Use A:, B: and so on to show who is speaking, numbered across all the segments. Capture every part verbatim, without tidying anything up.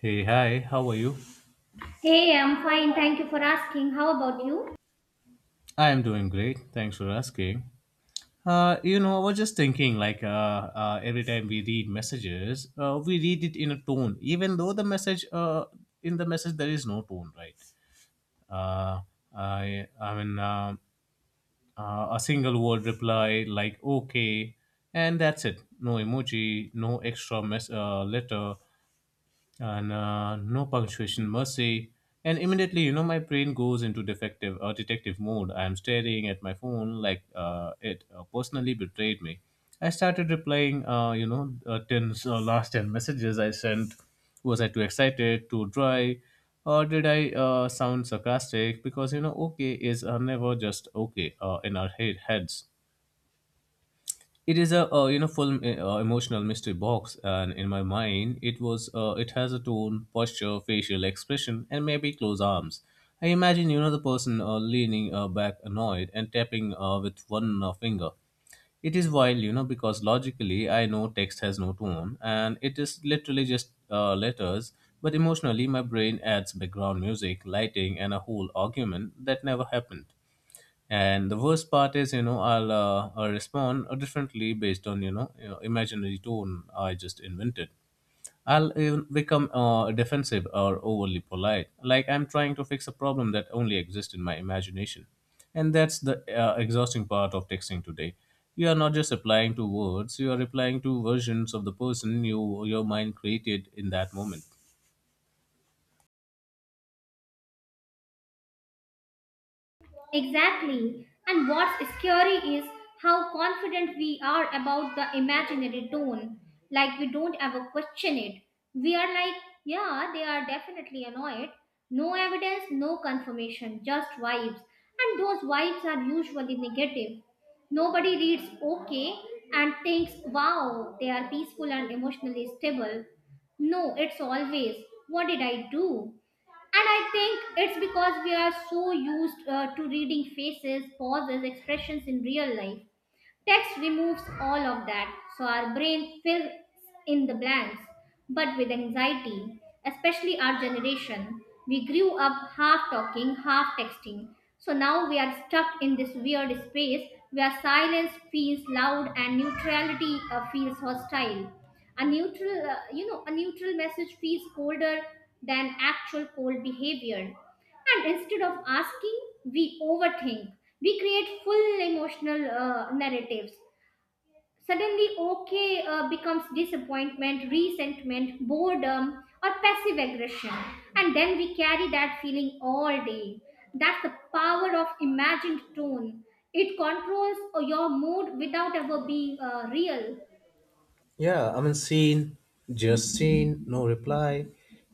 A: Hey, hi, how are you?
B: Hey, I'm fine. Thank you for asking. How about you?
A: I am doing great. Thanks for asking. Uh, you know, I was just thinking like uh, uh, every time we read messages, uh, we read it in a tone, even though the message, uh, in the message, there is no tone, right? Uh, I, I mean, uh, uh, a single word reply like okay, and that's it. No emoji, no extra mess, uh, letter, and uh, no punctuation mercy. And immediately, you know, my brain goes into defective or detective mode. I am staring at my phone like uh, it uh, personally betrayed me. I started replying, uh, you know, uh, ten, uh, last ten messages I sent. Was I too excited, too dry, or did I uh, sound sarcastic? Because, you know, okay is uh, never just okay uh, in our head- heads. It is a, uh, you know, full, uh, uh, emotional mystery box. And in my mind, it was uh, it has a tone, posture, facial expression, and maybe closed arms. I imagine, you know, the person uh, leaning uh, back, annoyed, and tapping uh, with one uh, finger. It is wild, you know, because logically I know text has no tone and it is literally just uh, letters. But emotionally, my brain adds background music, lighting, and a whole argument that never happened. And the worst part is, you know, I'll, uh, I'll respond uh, differently based on, you know, you know, imaginary tone I just invented. I'll even become uh, defensive or overly polite, like I'm trying to fix a problem that only exists in my imagination. And that's the uh, exhausting part of texting today. You are not just replying to words, you are replying to versions of the person you, your mind created in that moment.
B: Exactly. And what's scary is how confident we are about the imaginary tone. Like we don't ever question it. We are like, yeah, they are definitely annoyed. No evidence, no confirmation, just vibes. And those vibes are usually negative. Nobody reads okay and thinks, wow, they are peaceful and emotionally stable. No, it's always, what did I do? And I think it's because we are so used uh, to reading faces, pauses, expressions in real life. Text removes all of that, so our brain fills in the blanks. But with anxiety, especially our generation, we grew up half talking, half texting. So now we are stuck in this weird space where silence feels loud and neutrality uh, feels hostile. A neutral, uh, you know, a neutral message feels colder than actual cold behavior. And instead of asking, we overthink. We create full emotional uh, narratives. Suddenly, okay uh, becomes disappointment, resentment, boredom, or passive aggression. And then we carry that feeling all day. That's the power of imagined tone. It controls uh, your mood without ever being uh, real.
A: Yeah, I mean, seen, just seen, no reply.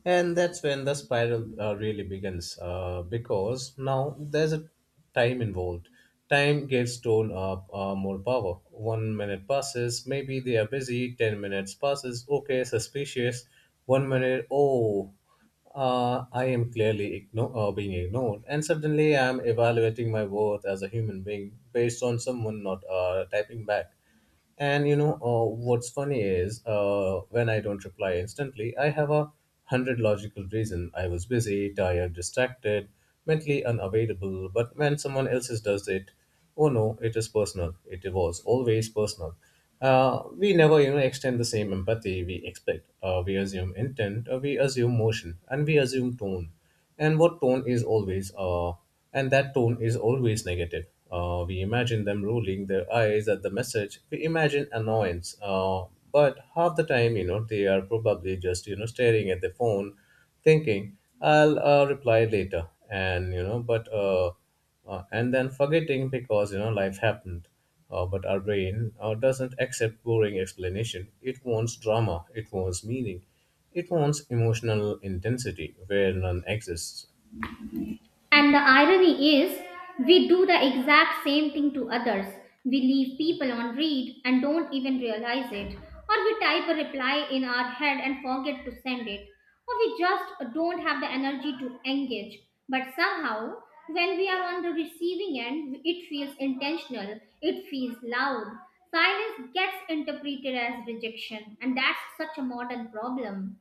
A: And that's when the spiral uh, really begins, uh, because now there's a time involved. Time gives tone up uh, more power. One minute passes, maybe they are busy. ten minutes passes, okay, suspicious. One minute, oh, uh, I am clearly igno- uh, being ignored, and suddenly I am evaluating my worth as a human being based on someone not uh, typing back. And, you know, uh, what's funny is, uh, when I don't reply instantly, I have a hundred logical reason. I was busy, tired, distracted, mentally unavailable. But when someone else's does it, oh no, it is personal. It was always personal. Uh, we never, you know, extend the same empathy we expect. Uh, we assume intent, uh, we assume motion, and we assume tone. And what tone is always uh, and that tone is always negative. Uh, we imagine them rolling their eyes at the message. We imagine annoyance, uh, but half the time, you know, they are probably just, you know, staring at the phone thinking, "I'll uh, reply later," and, you know, but uh, uh, and then forgetting because, you know, life happened. Uh, but our brain uh, doesn't accept boring explanation. It wants drama, it wants meaning, it wants emotional intensity where none exists.
B: And the irony is, we do the exact same thing to others. We leave people on read and don't even realize it. Or we type a reply in our head and forget to send it. Or we just don't have the energy to engage. But somehow, when we are on the receiving end, it feels intentional, it feels loud. Silence gets interpreted as rejection, and that's such a modern problem.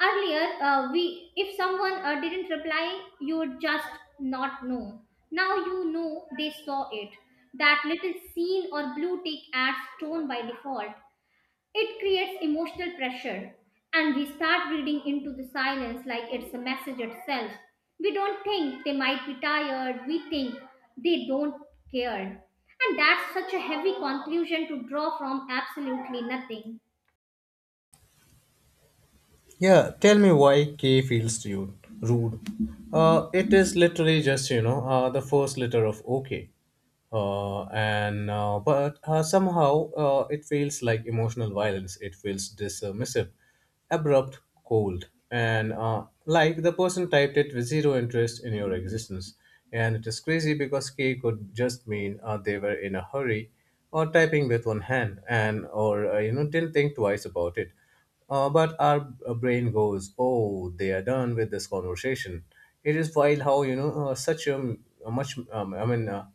B: Earlier, uh, we if someone uh, didn't reply, you would just not know. Now you know they saw it. That little scene or blue tick adds tone by default. It creates emotional pressure, and we start reading into the silence like it's a message itself. We don't think they might be tired. We think they don't care, and that's such a heavy conclusion to draw from absolutely nothing.
A: Yeah, tell me why K feels to you rude. Uh, it is literally just, you know, uh, the first letter of OK, uh, and uh, but uh, somehow uh, it feels like emotional violence. It feels dismissive, abrupt, cold, and uh, like the person typed it with zero interest in your existence. And it is crazy because K could just mean uh, they were in a hurry, or typing with one hand, and or uh, you know, didn't think twice about it. Uh, but our brain goes, "Oh, they are done with this conversation." It is wild how, you know, uh, such a a much, um, I mean, uh,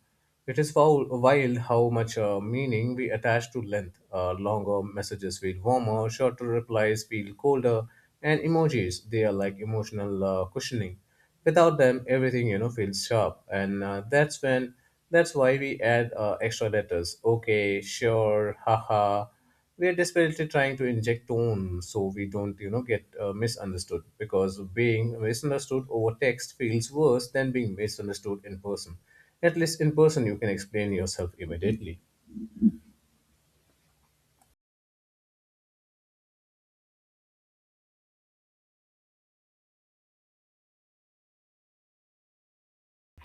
A: it is foul, wild how much uh, meaning we attach to length. Uh, longer messages feel warmer, shorter replies feel colder, and emojis, they are like emotional uh, cushioning. Without them, everything, you know, feels sharp. And uh, that's when, that's why we add uh, extra letters. Okay, sure, haha, we're desperately trying to inject tone so we don't, you know, get uh, misunderstood, because being misunderstood over text feels worse than being misunderstood in person. At least in person, you can explain yourself immediately.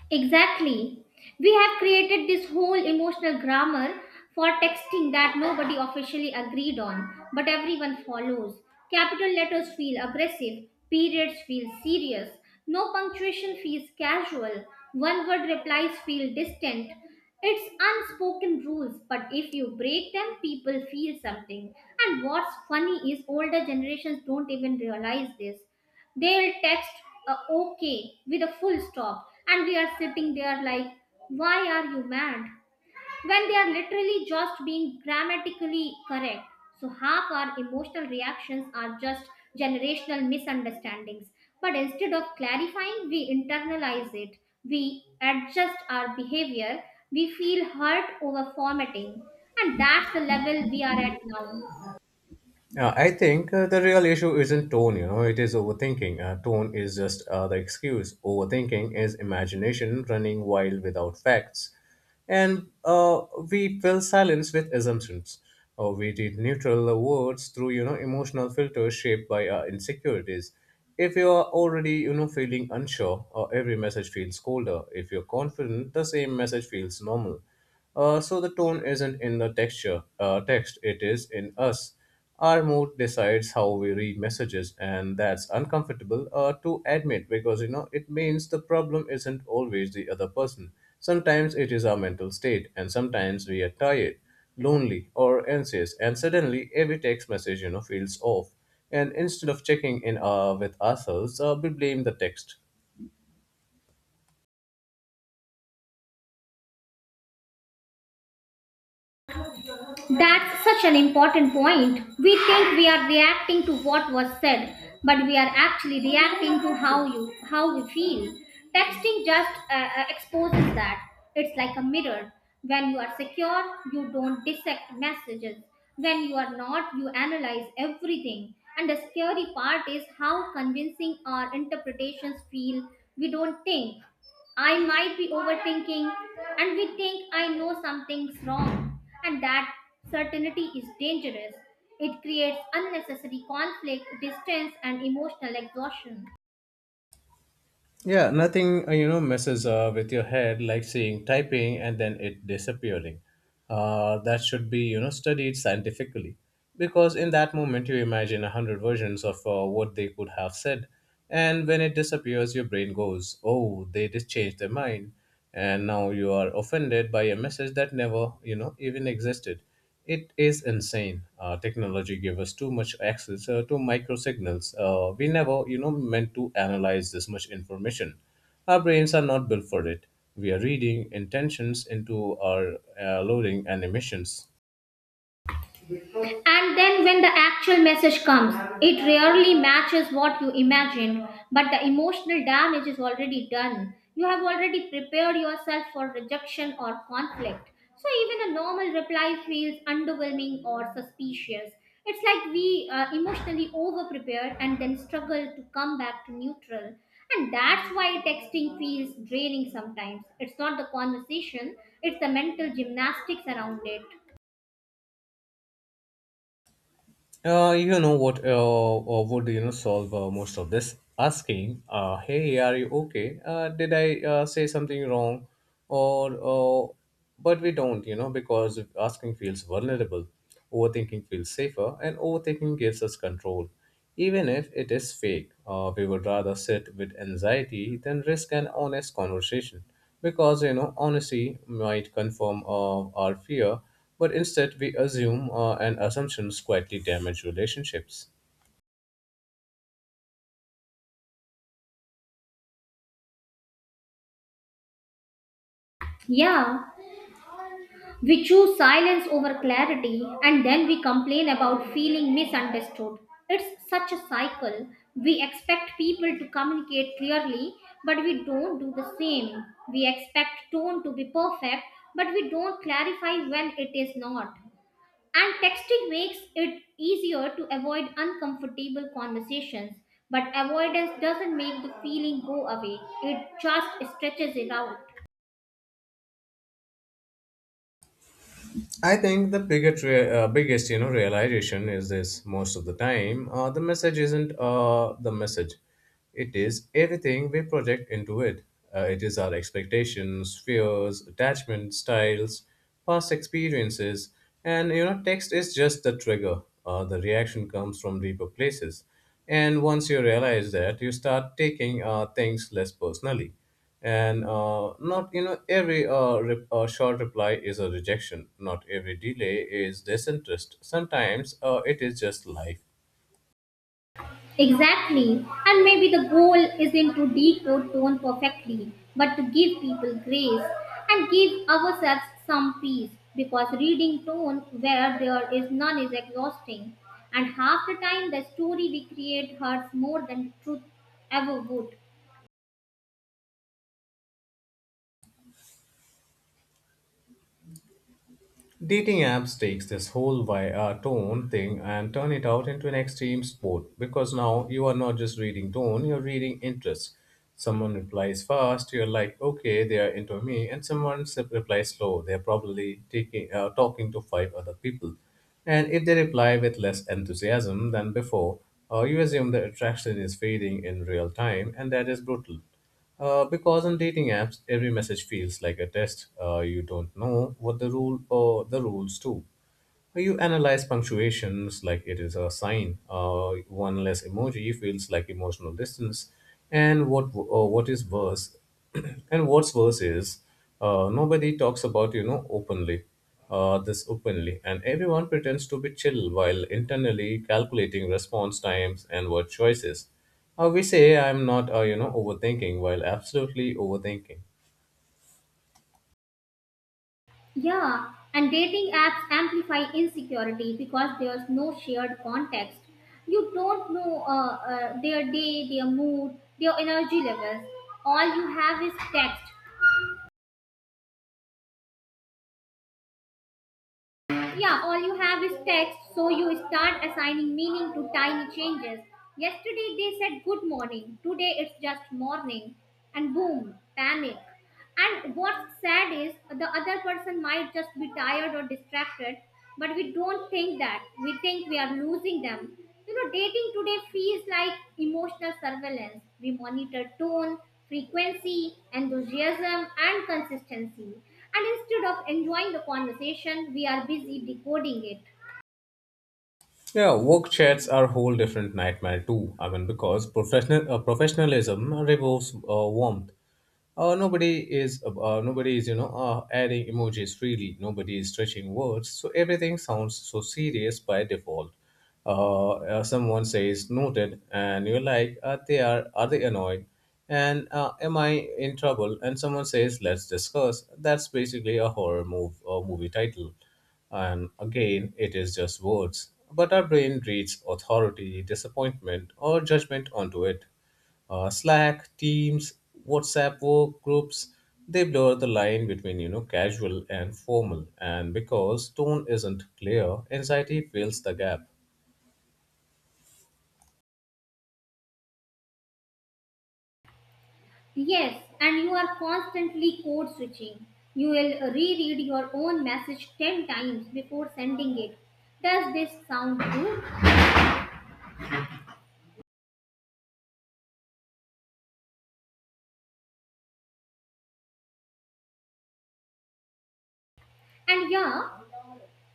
B: Exactly. We have created this whole emotional grammar for texting that nobody officially agreed on, but everyone follows. Capital letters feel aggressive, periods feel serious, no punctuation feels casual, one word replies feel distant. It's unspoken rules, but if you break them, people feel something. And what's funny is older generations don't even realize this. They'll text a okay with a full stop, and we are sitting there like, why are you mad? When they are literally just being grammatically correct. So, half our emotional reactions are just generational misunderstandings. But instead of clarifying, we internalize it. We adjust our behavior. We feel hurt over formatting. And that's the level we are at now.
A: Uh, I think uh, the real issue isn't tone, you know, it is overthinking. Uh, tone is just uh, the excuse. Overthinking is imagination running wild without facts. And uh, We fill silence with assumptions. Or we read neutral words through, you know, emotional filters shaped by our insecurities. If you are already, you know, feeling unsure, uh, every message feels colder. If you're confident, the same message feels normal. Uh, so the tone isn't in the texture uh, text; it is in us. Our mood decides how we read messages, and that's uncomfortable uh, to admit, because, you know, it means the problem isn't always the other person. Sometimes it is our mental state, and sometimes we are tired, lonely, or anxious, and suddenly every text message, you know, feels off. And instead of checking in uh, with ourselves, uh, we blame the text.
B: That's such an important point. We think we are reacting to what was said, but we are actually reacting to how you how we feel. Texting just uh, uh, exposes that. It's like a mirror. When you are secure, you don't dissect messages. When you are not, you analyze everything. And the scary part is how convincing our interpretations feel. We don't think. I might be overthinking, and we think I know something's wrong, and that certainty is dangerous. It creates unnecessary conflict, distance, and emotional exhaustion.
A: Yeah, nothing uh, you know messes uh, with your head like seeing typing and then it disappearing. Uh, that should be, you know, studied scientifically, because in that moment you imagine a hundred versions of uh, what they could have said, and when it disappears, your brain goes, "Oh, they just changed their mind," and now you are offended by a message that never, you know, even existed. It is insane. Uh, technology gives us too much access uh, to micro signals. Uh, we never, you know, meant to analyze this much information. Our brains are not built for it. We are reading intentions into our uh, loading and emissions.
B: And then when the actual message comes, it rarely matches what you imagined, but the emotional damage is already done. You have already prepared yourself for rejection or conflict. So even a normal reply feels underwhelming or suspicious. It's like we uh, emotionally over prepare and then struggle to come back to neutral. And that's why texting feels draining sometimes. It's not the conversation, it's the mental gymnastics around it.
A: Uh, you know what uh, uh, would, you know, solve uh, most of this? Asking, uh, "Hey, are you okay? Uh, did I uh, say something wrong?" Or, uh, but we don't, you know, because asking feels vulnerable, overthinking feels safer, and overthinking gives us control, even if it is fake. Uh, we would rather sit with anxiety than risk an honest conversation, because, you know, honesty might confirm uh, our fear, but instead we assume, uh, and assumptions quietly damage relationships.
B: Yeah. We choose silence over clarity and then we complain about feeling misunderstood. It's such a cycle. We expect people to communicate clearly, but we don't do the same. We expect tone to be perfect, but we don't clarify when it is not. And texting makes it easier to avoid uncomfortable conversations, but avoidance doesn't make the feeling go away, it just stretches it out.
A: I think the biggest, rea- uh, biggest, you know, realization is this: most of the time, uh, the message isn't uh, the message; it is everything we project into it. Uh, it is our expectations, fears, attachment styles, past experiences, and, you know, text is just the trigger. Uh, the reaction comes from deeper places, and once you realize that, you start taking uh, things less personally. And uh, Not, you know, every uh, re- uh, short reply is a rejection. Not every delay is disinterest. Sometimes, uh, it is just life.
B: Exactly. And maybe the goal isn't to decode tone perfectly, but to give people grace and give ourselves some peace because reading tone where there is none is exhausting. And half the time, the story we create hurts more than truth ever would.
A: Dating apps takes this whole vi- uh, tone thing and turn it out into an extreme sport, because now you are not just reading tone, you're reading interests. Someone replies fast, you're like, okay, they are into me. And someone s- replies slow, they're probably taking uh, talking to five other people. And if they reply with less enthusiasm than before, uh, you assume the attraction is fading in real time, and that is brutal. Uh, because on dating apps, every message feels like a test. Uh, you don't know what the rule or the rules do. You analyze punctuations like it is a sign. Uh, one less emoji feels like emotional distance. And what uh, what is worse, And what's worse is, uh, nobody talks about, you know, openly, uh, this openly, and everyone pretends to be chill while internally calculating response times and word choices. Uh, we say, "I'm not uh, you know overthinking," while absolutely overthinking.
B: Yeah, and dating apps amplify insecurity because there's no shared context. You don't know uh, uh, their day, their mood, their energy levels. All you have is text, yeah, all you have is text, so you start assigning meaning to tiny changes. Yesterday they said good morning, today it's just morning, and boom, panic. And what's sad is the other person might just be tired or distracted, but we don't think that. We think we are losing them. You know, dating today feels like emotional surveillance. We monitor tone, frequency, enthusiasm, and consistency. And instead of enjoying the conversation, we are busy decoding it.
A: Yeah, work chats are a whole different nightmare too. I mean, because professional uh, professionalism removes uh, warmth. Uh, nobody is uh, nobody is, you know, uh, adding emojis freely. Nobody is stretching words, so everything sounds so serious by default. Uh, uh, someone says noted, and you're like, uh, they are are they annoyed? And uh, Am I in trouble? And someone says, "Let's discuss." That's basically a horror move, uh, movie title. And again, it is just words. But our brain reads authority, disappointment, or judgment onto it. Uh, Slack, Teams, WhatsApp work groups, they blur the line between, you know, casual and formal. And because tone isn't clear, anxiety fills the gap.
B: Yes, and you are constantly code switching. You will reread your own message ten times before sending it. Does this sound good? And yeah,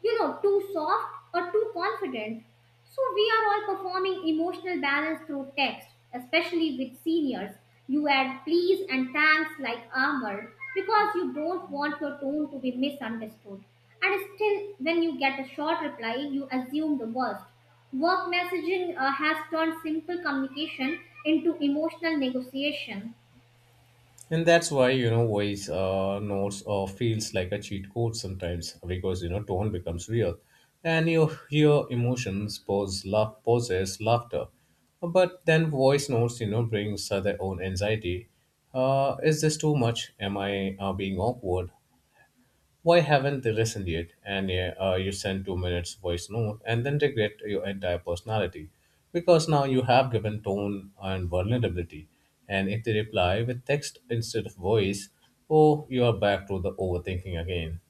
B: you know, too soft or too confident. So we are all performing emotional balance through text, especially with seniors. You add please and thanks like armor because you don't want your tone to be misunderstood. And still, when you get a short reply, you assume the worst. Work messaging uh, has turned simple communication into emotional negotiation.
A: And that's why, you know, voice uh, notes uh, feels like a cheat code sometimes, because, you know, tone becomes real. And you hear emotions, pose, laugh, poses, laughter. But then voice notes, you know, brings uh, their own anxiety. Uh, is this too much? Am I uh, being awkward? Why haven't they listened yet? And yeah, uh, you send two minutes voice note and then regret your entire personality, because now you have given tone and vulnerability. And if they reply with text instead of voice, oh, you are back to the overthinking again.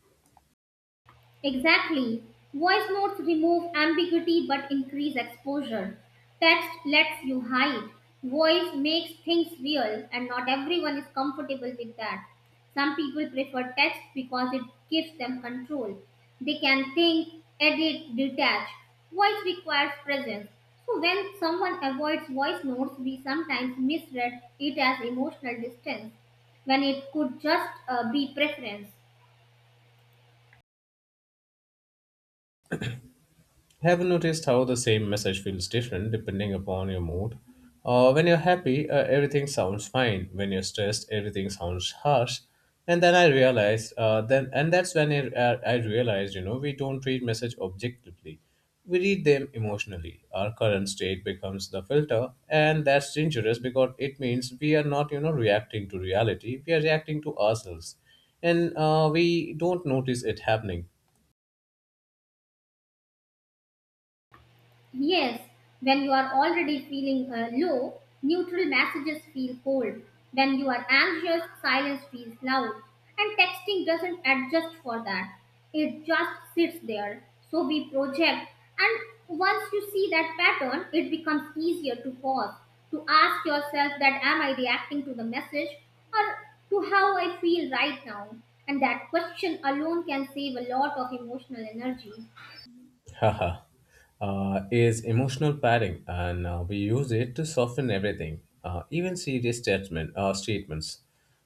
B: Exactly. Voice notes remove ambiguity but increase exposure. Text lets you hide. Voice makes things real, and not everyone is comfortable with that. Some people prefer text because it gives them control. They can think, edit, detach. Voice requires presence. So, when someone avoids voice notes, we sometimes misread it as emotional distance when it could just uh, be preference.
A: Have you noticed how the same message feels different depending upon your mood? Uh, when you're happy, uh, everything sounds fine. When you're stressed, everything sounds harsh. And then I realized, uh, then and that's when I, uh, I realized, you know, we don't read message objectively. We read them emotionally. Our current state becomes the filter, and that's dangerous because it means we are not, you know, reacting to reality. We are reacting to ourselves, and uh, we don't notice it happening
B: Yes, when you are already feeling uh, low, neutral messages feel cold. When you are anxious, silence feels loud. And texting doesn't adjust for that. It just sits there. So we project. And once you see that pattern, it becomes easier to pause, to ask yourself that am I reacting to the message or to how I feel right now? And that question alone can save a lot of emotional energy.
A: Haha, uh, is emotional padding, and uh, we use it to soften everything, uh, even serious statement, uh, statements.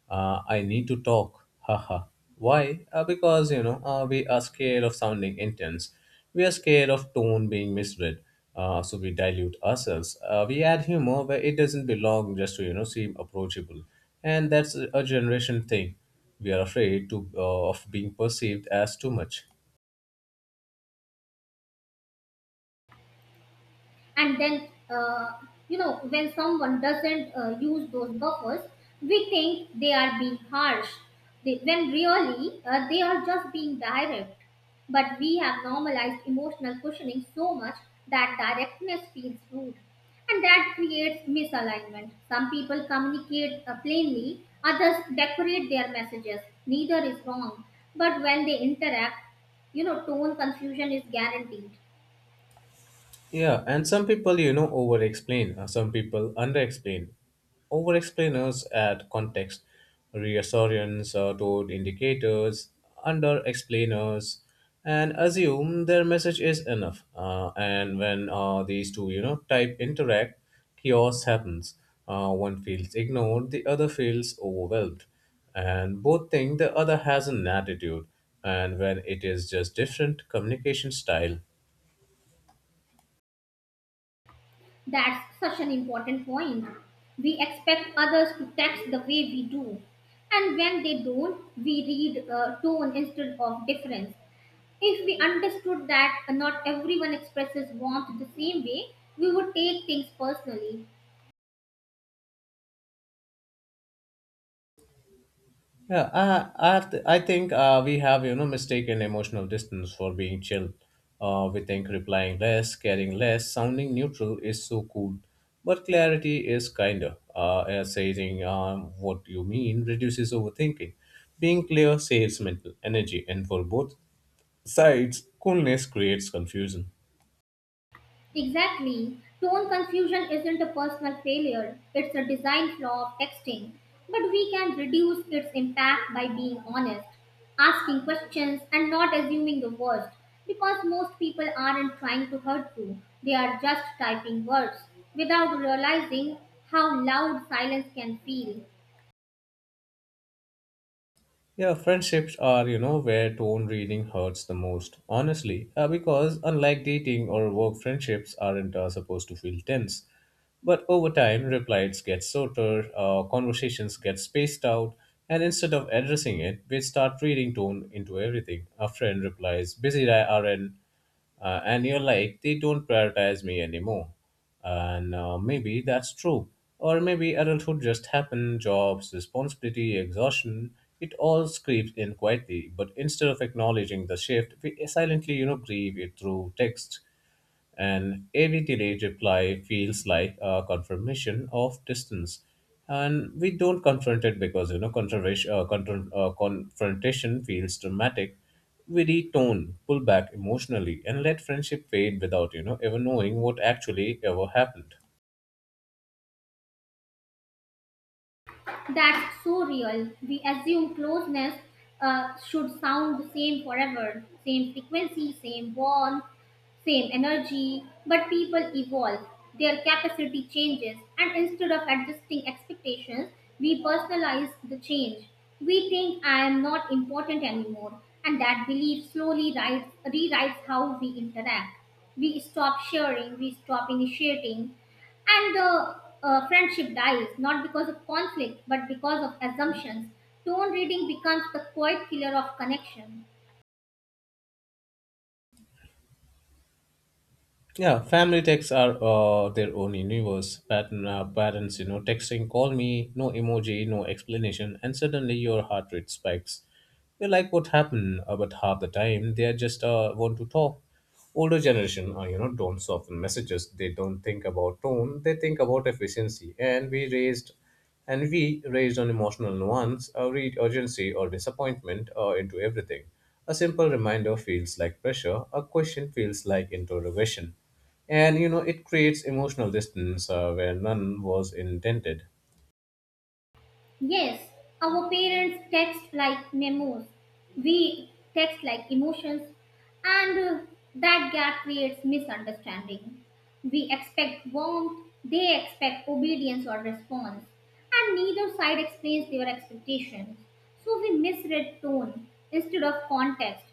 A: Uh, I need to talk. Haha. Why? Uh, because you know uh, we are scared of sounding intense. We are scared of tone being misread. Uh, so we dilute ourselves. Uh, we add humor where it doesn't belong, just to you know seem approachable, and that's a a generation thing. We are afraid to uh, of being perceived as too much.
B: And then uh, you know when someone doesn't uh, use those buffers we think they are being harsh they, when really uh, they are just being direct but we have normalized emotional cushioning so much that directness feels rude and that creates misalignment. Some people communicate uh, plainly, others decorate their messages. Neither is wrong, but when they interact, you know, tone confusion is guaranteed.
A: Yeah, and some people, you know, over explain, some people under explain. Over explainers add context, reassurance, uh, toward indicators, under explainers, and assume their message is enough. Uh, and when uh, these two, you know, type interact, chaos happens. Uh, one feels ignored, the other feels overwhelmed. And both think the other has an attitude, and when it is just different communication style.
B: That's such an important point. We expect others to text the way we do. And when they don't, we read uh, tone instead of difference. If we understood that not everyone expresses warmth the same way, we would take things personally.
A: Yeah, I, I, th- I think uh, we have you know mistaken emotional distance for being chill. Uh, we think replying less, caring less, sounding neutral is so cool, but clarity is kinder. Uh, uh, saying um, what you mean reduces overthinking. Being clear saves mental energy, and for both sides, coolness creates confusion.
B: Exactly. Tone confusion isn't a personal failure, it's a design flaw of texting. But we can reduce its impact by being honest, asking questions, and not assuming the worst. Because most people aren't trying to hurt you, they are just typing words without realizing how loud silence can feel.
A: Yeah, friendships are, you know, where tone reading hurts the most, honestly, uh, because unlike dating or work, friendships aren't uh, supposed to feel tense. But over time, replies get shorter, uh, conversations get spaced out, and instead of addressing it, we start reading tone into everything. A friend replies, busy R N, uh, and you're like, they don't prioritize me anymore. And uh, maybe that's true. Or maybe adulthood just happened, jobs, responsibility, exhaustion, it all creeps in quietly. But instead of acknowledging the shift, we silently, you know, grieve it through text, and every delayed reply feels like a confirmation of distance. And we don't confront it because you know confrontation, uh, confront, uh, confrontation feels dramatic. We retone, pull back emotionally, and let friendship fade without you know ever knowing what actually ever happened.
B: That's so real. We assume closeness uh, should sound the same forever, same frequency, same warmth, same energy, but people evolve, their capacity changes, and instead of adjusting expectations, we personalize the change. We think I am not important anymore, and that belief slowly writes, rewrites how we interact. We stop sharing, we stop initiating, and the uh, friendship dies not because of conflict but because of assumptions. Tone reading becomes the quiet killer of connection.
A: Yeah, family texts are uh, their own universe. Pattern, uh, parents, you know, texting, call me, no emoji, no explanation, and suddenly your heart rate spikes. You're like, what happened? Uh, but half the time, they are just uh, want to talk. Older generation, uh, you know, don't soften messages. They don't think about tone. They think about efficiency. And we raised and we, raised on emotional nuance, uh, read urgency or disappointment uh, into everything. A simple reminder feels like pressure, a question feels like interrogation. And you know, it creates emotional distance uh, where none was intended.
B: Yes, our parents text like memos. We text like emotions, and uh, that gap creates misunderstanding. We expect warmth, they expect obedience or response, and neither side explains their expectations. So we misread tone instead of context.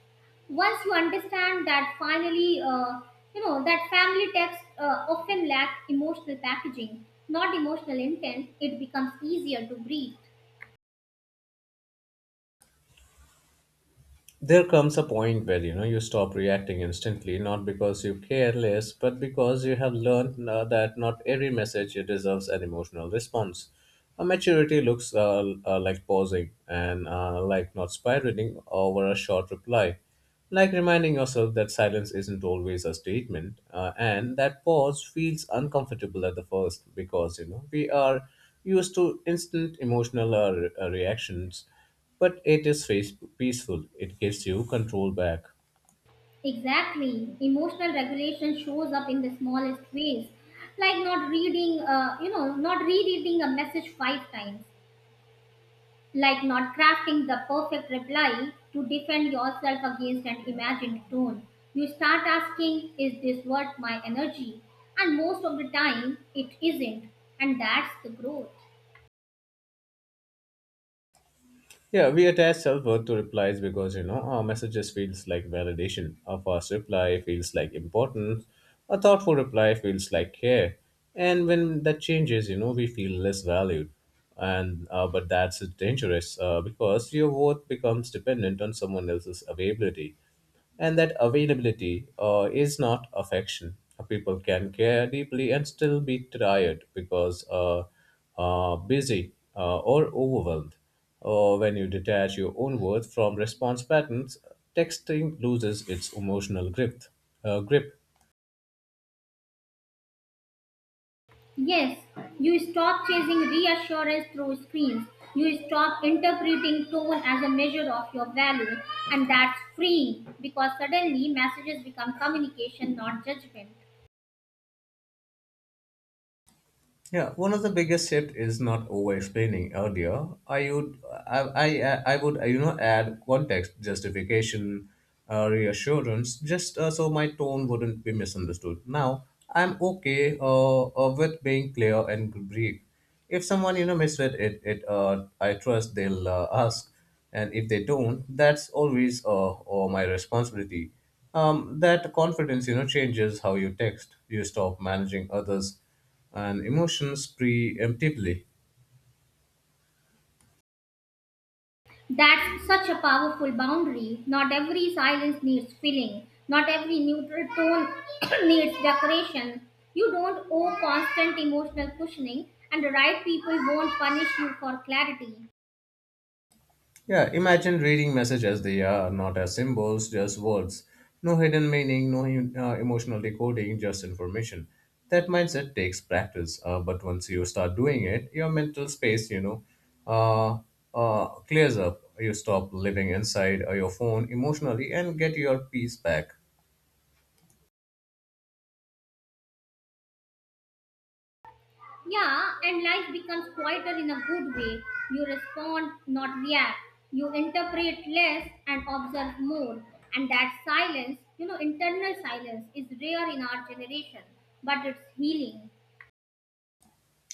B: Once you understand that, finally, uh, you know that family texts uh, often lack emotional packaging, not emotional intent. It becomes easier to breathe.
A: There comes a point where you know you stop reacting instantly, not because you care less but because you have learned uh, that not every message deserves an emotional response. A maturity looks uh, uh, like pausing and uh, like not spiraling over a short reply, like reminding yourself that silence isn't always a statement, uh, and that pause feels uncomfortable at the first because you know we are used to instant emotional uh, re- uh, reactions, but it is face- peaceful. It gives you control back.
B: Exactly. Emotional regulation shows up in the smallest ways, like not reading, uh, you know, not rereading a message five times, like not crafting the perfect reply to defend yourself against an imagined tone. You start asking, is this worth my energy? And most of the time, it isn't. And that's the growth.
A: Yeah, we attach self-worth to replies because, you know, our messages feels like validation. A fast reply feels like importance. A thoughtful reply feels like care. And when that changes, you know, we feel less valued. And uh, but that's dangerous uh, because your worth becomes dependent on someone else's availability. And that availability uh, is not affection. Uh, People can care deeply and still be tired because uh, uh, busy uh, or overwhelmed. Or when you detach your own worth from response patterns, texting loses its emotional grip. Uh, grip.
B: Yes, you stop chasing reassurance through screens. You stop interpreting tone as a measure of your value, and that's freeing because suddenly messages become communication, not judgment.
A: Yeah, one of the biggest shift is not over explaining earlier. I would, I, I, I would, you know, add context, justification, uh, reassurance, just uh, so my tone wouldn't be misunderstood. Now, I'm okay uh, uh, with being clear and brief. If someone, you know, misread it, it uh, I trust they'll uh, ask. And if they don't, that's always uh, uh, my responsibility. Um, that confidence, you know, changes how you text. You stop managing others and emotions preemptively.
B: That's such a powerful boundary. Not every silence needs filling, not every neutral tone needs decoration. You don't owe constant emotional cushioning, and the right people won't punish you for clarity.
A: Yeah, imagine reading messages as they are, not as symbols, just words. No hidden meaning, no uh, emotional decoding, just information. That mindset takes practice, uh, but once you start doing it, your mental space, you know, uh, uh, clears up. You stop living inside uh, your phone emotionally and get your peace back.
B: Yeah, and life becomes quieter in a good way. You respond, not react. You interpret less and observe more. And that silence, you know, internal silence, is rare in our generation, but it's healing.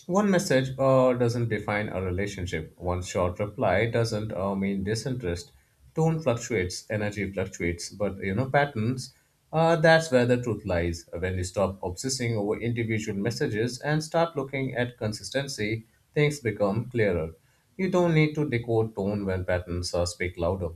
A: One message uh, doesn't define a relationship. One short reply doesn't uh, mean disinterest. Tone fluctuates, energy fluctuates, but you know, patterns, uh, that's where the truth lies. When you stop obsessing over individual messages and start looking at consistency, things become clearer. You don't need to decode tone when patterns uh, speak louder.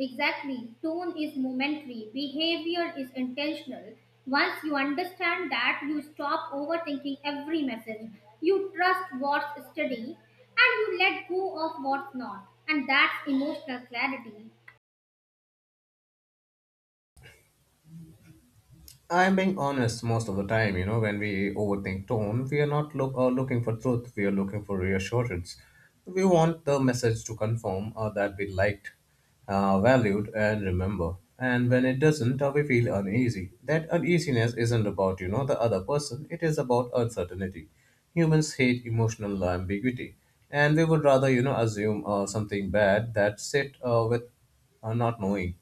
B: Exactly. Tone is momentary, behavior is intentional. Once you understand that, you stop overthinking every message. You trust what's steady and you let go of what's not. And that's emotional clarity.
A: I'm being honest most of the time, you know, when we overthink tone, we are not look, uh, looking for truth, we are looking for reassurance. We want the message to confirm uh, that we liked, uh, valued, and remember. And when it doesn't, uh, we feel uneasy. That uneasiness isn't about, you know, the other person, it is about uncertainty. Humans hate emotional ambiguity, and we would rather, you know, assume uh, something bad that sit uh, with uh, not knowing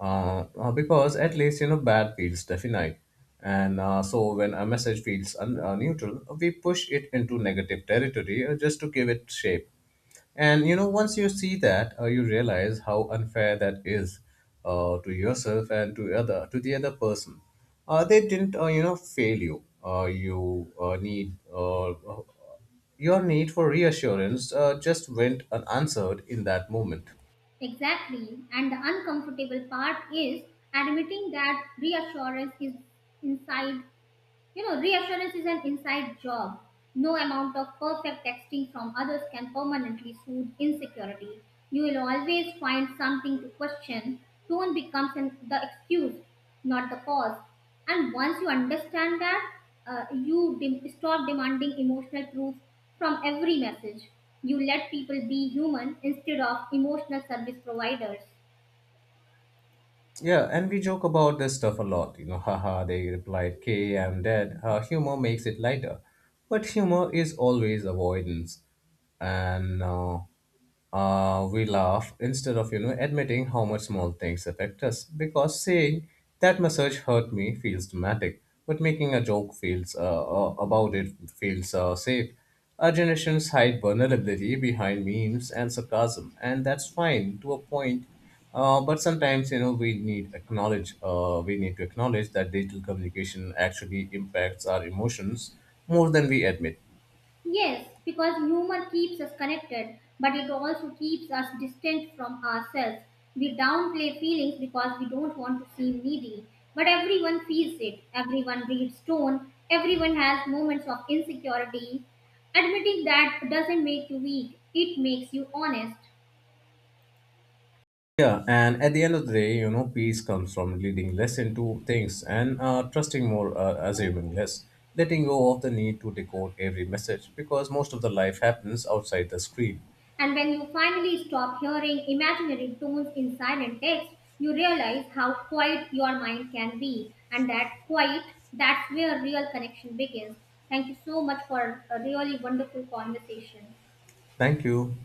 A: uh, uh, because at least you know bad feels definite, and uh, so when a message feels un- uh, neutral, we push it into negative territory, uh, just to give it shape. And you know once you see that, uh, you realize how unfair that is, uh, to yourself and to other to the other person. Uh, they didn't uh, you know fail you uh, you uh, need uh, your need for reassurance uh, just went unanswered in that moment.
B: Exactly. And the uncomfortable part is admitting that reassurance is inside you know, reassurance is an inside job. No amount of perfect texting from others can permanently soothe insecurity. You will always find something to question. Tone becomes an, the excuse, not the cause. And once you understand that, uh, you dem- stop demanding emotional proof from every message. You let people be human instead of emotional service providers.
A: Yeah, and we joke about this stuff a lot. You know, haha, they replied, K, I'm dead. Uh, humor makes it lighter. But humor is always avoidance. And uh, uh, we laugh instead of, you know, admitting how much small things affect us. Because saying that massage hurt me feels dramatic, but making a joke feels uh, uh, about it feels uh, safe. Our generations hide vulnerability behind memes and sarcasm, and that's fine to a point, uh, but sometimes, you know, we need acknowledge uh, we need to acknowledge that digital communication actually impacts our emotions more than we admit.
B: Yes, because humor keeps us connected, but it also keeps us distant from ourselves. We downplay feelings because we don't want to seem needy, but everyone feels it. Everyone reads tone, everyone has moments of insecurity. Admitting that doesn't make you weak, it makes you honest.
A: Yeah, and at the end of the day, you know, peace comes from leading less into things and uh, trusting more, uh, assuming less, letting go of the need to decode every message because most of the life happens outside the screen.
B: And when you finally stop hearing imaginary tones in silent text, you realize how quiet your mind can be. And that quiet, that's where real connection begins. Thank you so much for a really wonderful conversation.
A: Thank you.